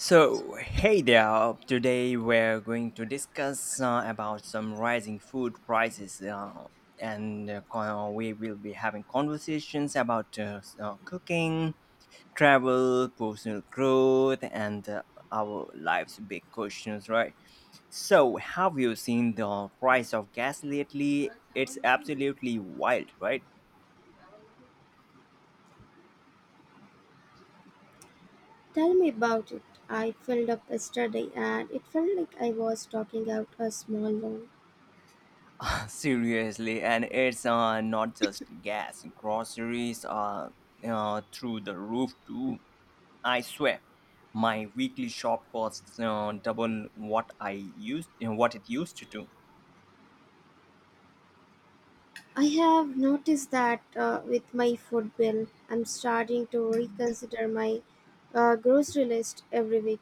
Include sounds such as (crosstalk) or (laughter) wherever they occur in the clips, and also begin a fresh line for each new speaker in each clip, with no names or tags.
So, hey there. Today we're going to discuss about some rising food prices, we will be having conversations about cooking, travel, personal growth, and our life's big questions, right? So, have you seen the price of gas lately? It's absolutely wild, right?
Tell me about it. I filled up yesterday and it felt like I was talking out a small loan.
Seriously, and it's not just gas. Groceries are through the roof too. I swear, my weekly shop costs double what what it used to do.
I have noticed that with my food bill, I'm starting to reconsider my grocery list every week.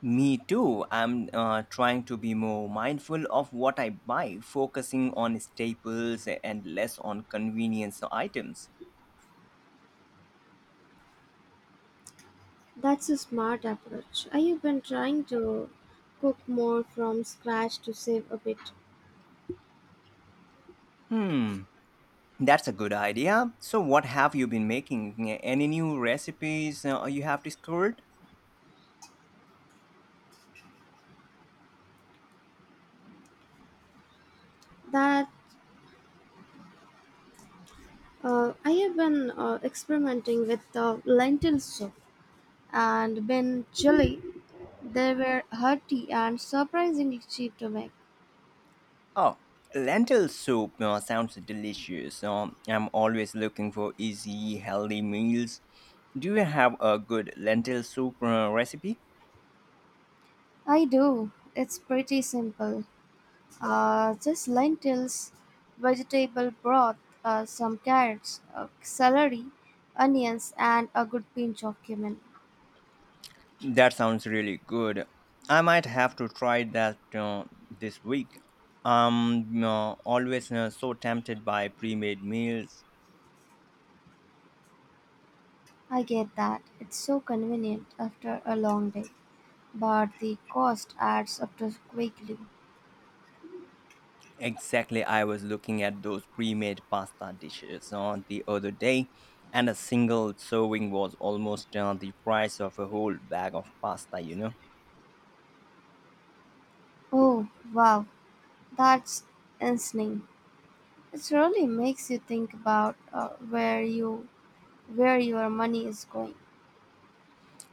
Me too. I'm trying to be more mindful of what I buy, focusing on staples and less on convenience items.
That's a smart approach. I have been trying to cook more from scratch to save a bit.
Hmm, that's a good idea. So, what have you been making? Any new recipes you have discovered?
That I have been experimenting with lentil soup and been chili. They were hearty and surprisingly cheap to make.
Oh, lentil soup sounds delicious. I'm always looking for easy, healthy meals. Do you have a good lentil soup recipe?
I do. It's pretty simple. Just lentils, vegetable broth, some carrots, celery, onions, and a good pinch of cumin.
That sounds really good. I might have to try that this week. I'm always so tempted by pre made meals.
I get that. It's so convenient after a long day, but the cost adds up to quickly.
Exactly, I was looking at those pre made pasta dishes the other day, and a single serving was almost the price of a whole bag of pasta.
Oh, wow. That's insane. It really makes you think about where your money is going.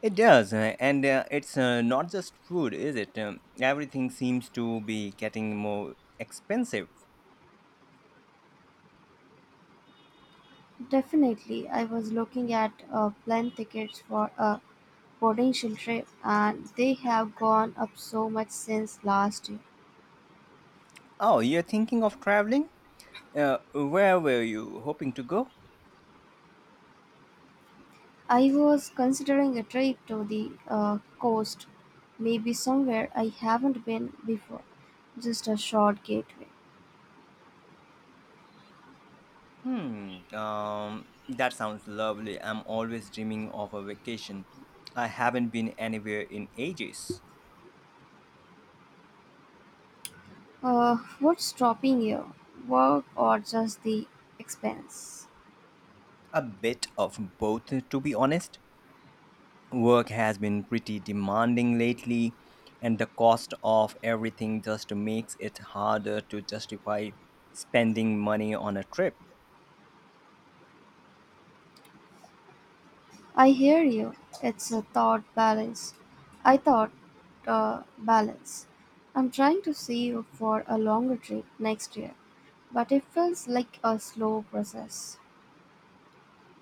It does, and it's not just food, is it? Everything seems to be getting more expensive.
Definitely, I was looking at plane tickets for a potential trip, and they have gone up so much since last year.
Oh, you're thinking of traveling? Where were you hoping to go?
I was considering a trip to the coast, maybe somewhere I haven't been before, just a short getaway.
Hmm, that sounds lovely. I'm always dreaming of a vacation. I haven't been anywhere in ages.
What's stopping you? Work or just the expense?
A bit of both, to be honest. Work has been pretty demanding lately, and the cost of everything just makes it harder to justify spending money on a trip.
I hear you. It's a thought balance. I thought Balance. I'm trying to see you for a longer trip next year, but it feels like a slow process.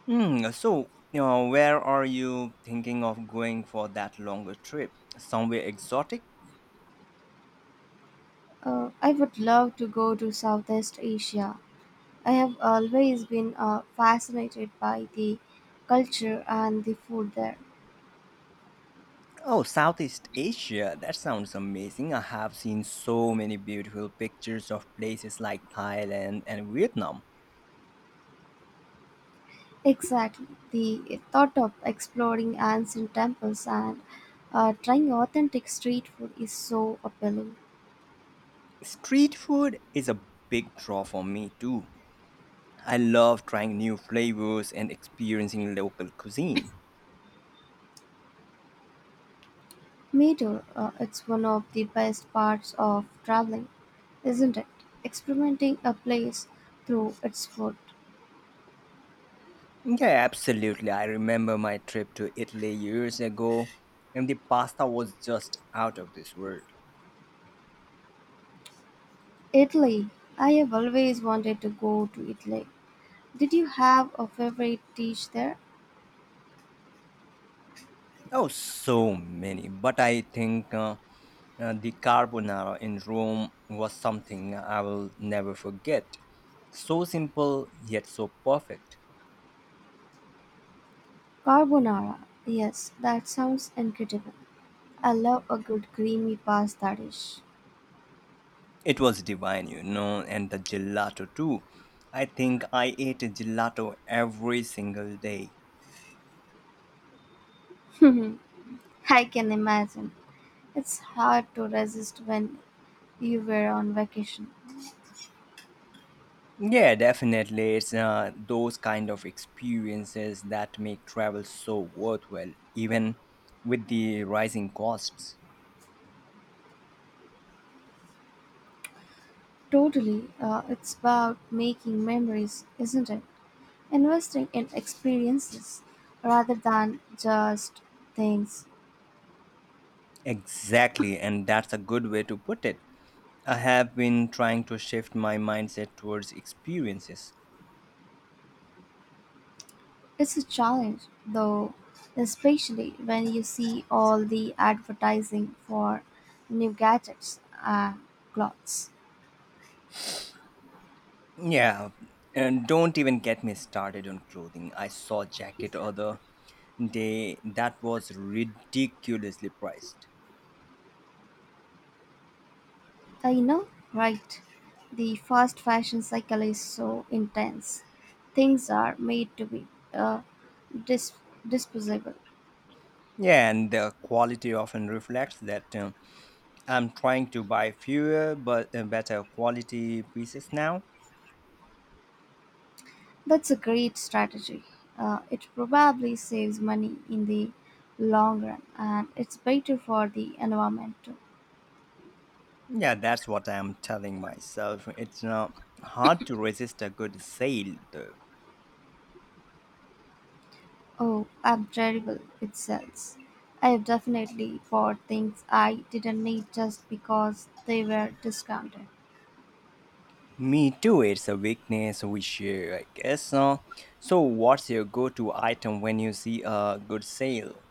Hmm, so where are you thinking of going for that longer trip? Somewhere exotic?
I would love to go to Southeast Asia. I have always been fascinated by the culture and the food there.
Oh, Southeast Asia, that sounds amazing. I have seen so many beautiful pictures of places like Thailand and Vietnam.
Exactly. The thought of exploring ancient temples and trying authentic street food is so appealing.
Street food is a big draw for me too. I love trying new flavors and experiencing local cuisine.
Me too. It's one of the best parts of traveling, isn't it? Experimenting a place through its food.
Yeah, absolutely. I remember my trip to Italy years ago, and the pasta was just out of this world.
Italy. I have always wanted to go to Italy. Did you have a favorite dish there?
Oh, so many. But I think the carbonara in Rome was something I will never forget. So simple, yet so perfect.
Carbonara. Yes, that sounds incredible. I love a good creamy pasta dish.
It was divine, you know, and the gelato too. I think I ate gelato every single day.
(laughs) I can imagine. It's hard to resist when you were on vacation.
Yeah, definitely. It's those kind of experiences that make travel so worthwhile, even with the rising costs.
Totally. It's about making memories, isn't it? Investing in experiences rather than just things.
Exactly, and that's a good way to put it. I have been trying to shift my mindset towards experiences.
It's a challenge, though, especially when you see all the advertising for new gadgets and clothes.
Yeah, and don't even get me started on clothing. I saw a jacket other day that was ridiculously priced.
I know, right? The fast fashion cycle is so intense. Things are made to be uh, dis- disposable.
Yeah, and the quality often reflects that. I'm trying to buy fewer but better quality pieces now.
That's a great strategy. It probably saves money in the long run and it's better for the environment too.
Yeah, that's what I'm telling myself. It's not hard to resist a good sale, though.
Oh, I'm terrible with sales. I have definitely bought things I didn't need just because they were discounted.
Me too, it's a weakness we share, I guess. So, what's your go to item when you see a good sale?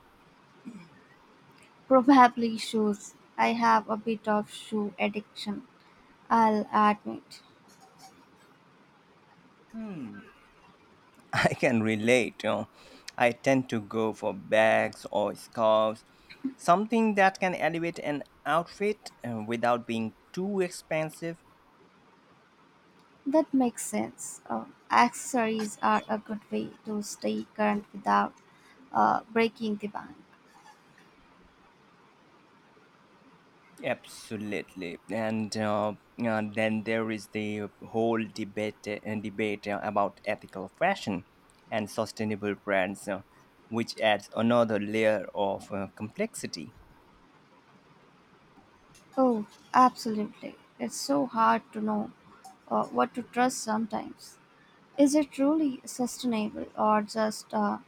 Probably shoes. I have a bit of shoe addiction, I'll admit.
(laughs) I can relate. You know, I tend to go for bags or scarves, something that can elevate an outfit without being too expensive.
That makes sense. Accessories are a good way to stay current without breaking the bank.
Absolutely, and then there is the whole debate about ethical fashion and sustainable brands, which adds another layer of complexity.
Oh, absolutely. It's so hard to know what to trust sometimes. Is it truly sustainable or just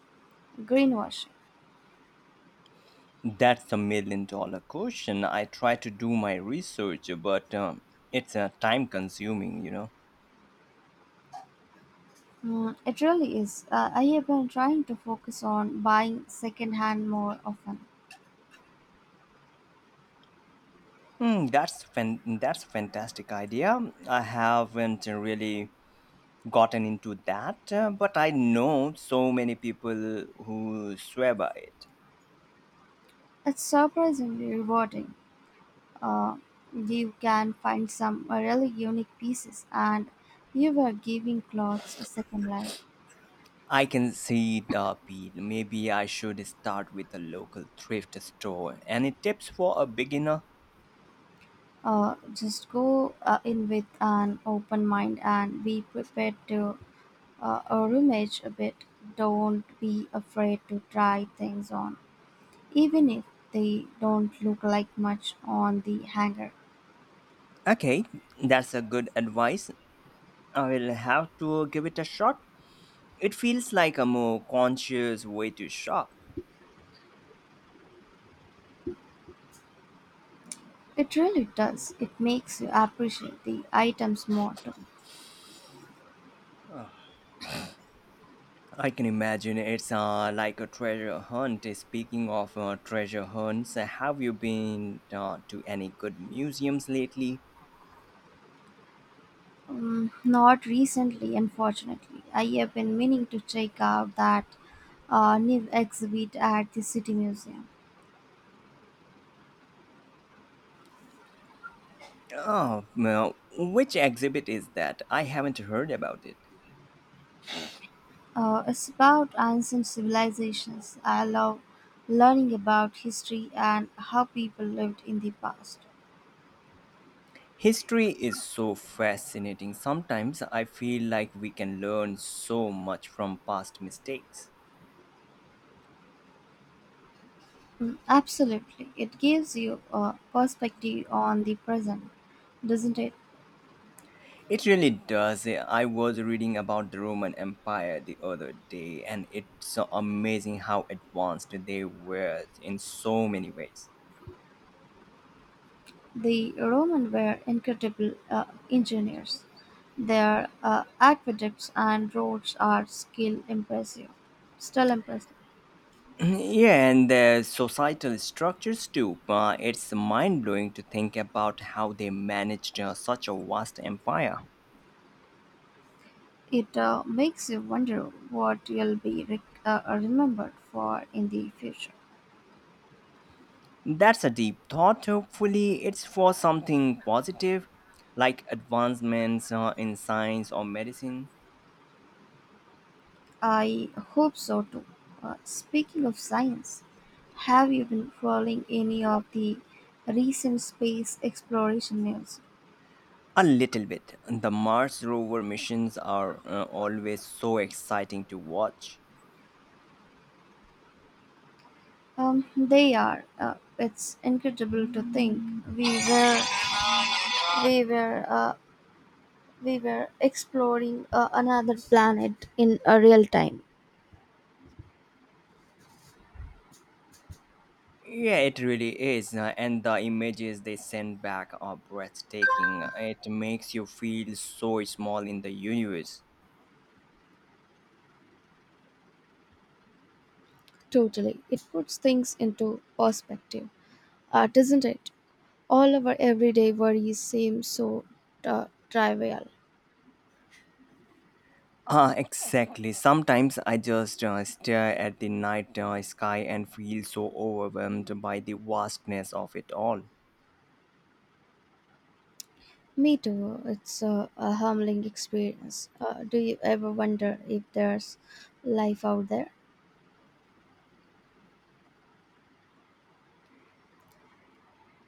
greenwashing?
That's a million dollar question. I try to do my research, but it's time consuming, you know.
Mm, it really is. I have been trying to focus on buying secondhand more often.
Hmm, that's a fantastic idea. I haven't really gotten into that, but I know so many people who swear by it.
It's surprisingly rewarding. Uh, you can find some really unique pieces, and you are giving clothes a second life.
I can see the appeal. Maybe I should start with a local thrift store. Any tips for a beginner?
Just go in with an open mind and be prepared to a rummage a bit. Don't be afraid to try things on, even if they don't look like much on the hanger.
Okay, that's a good advice. I will have to give it a shot. It feels like a more conscious way to shop.
It really does. It makes you appreciate the items more too.
I can imagine it's like a treasure hunt. Speaking of treasure hunts, have you been to any good museums lately?
Not recently, unfortunately. I have been meaning to check out that new exhibit at the City Museum.
Oh, now, which exhibit is that? I haven't heard about it.
It's about ancient civilizations. I love learning about history and how people lived in the past.
History is so fascinating. Sometimes I feel like we can learn so much from past mistakes.
Mm, absolutely. It gives you a perspective on the present, doesn't it?
It really does. I was reading about the Roman Empire the other day, and it's amazing how advanced they were in so many ways.
The Romans were incredible engineers. Their aqueducts and roads are still impressive. Still impressive.
(clears throat) Yeah, and the societal structures too. It's mind blowing to think about how they managed such a vast empire.
It makes you wonder what you'll be remembered for in the future.
That's a deep thought. Hopefully, it's for something positive, like advancements in science or medicine.
I hope so too. Speaking of science, have you been following any of the recent space exploration news?
A little bit. The Mars rover missions are always so exciting to watch.
They are. It's incredible to think we were we were uh, we were exploring another planet in a real time.
Yeah, it really is. And the images they send back are breathtaking. It makes you feel so small in the universe.
Totally, it puts things into perspective, doesn't it? All our everyday worries seem so trivial.
Ah, exactly. Sometimes I just stare at the night sky and feel so overwhelmed by the vastness of it all.
Me too. It's a humbling experience. Do you ever wonder if there's life out there?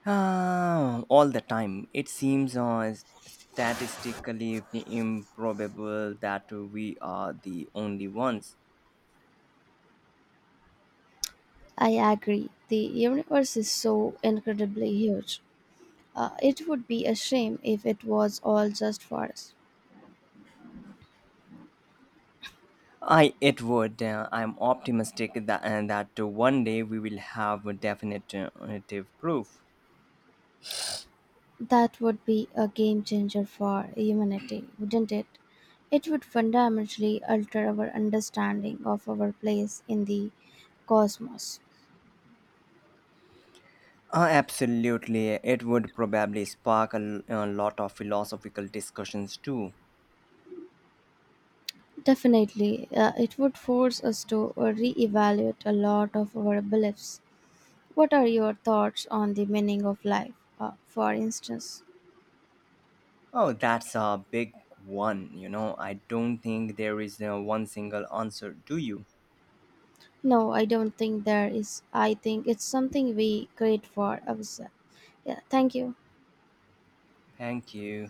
Ah, all the time. It seems statistically improbable that we are the only ones.
I agree. The universe is so incredibly huge. It would be a shame if it was all just for us.
I it would. I'm optimistic that and that one day we will have a definitive proof.
That would be a game changer for humanity, wouldn't it? It would fundamentally alter our understanding of our place in the cosmos.
Absolutely. It would probably spark a lot of philosophical discussions too.
Definitely, it would force us to reevaluate a lot of our beliefs. What are your thoughts on the meaning of life, for instance?
Oh, that's a big one, you know. I don't think there is one single answer, do you?
No, I don't think there is. I think it's something we create for ourselves. Yeah, thank you.
Thank you.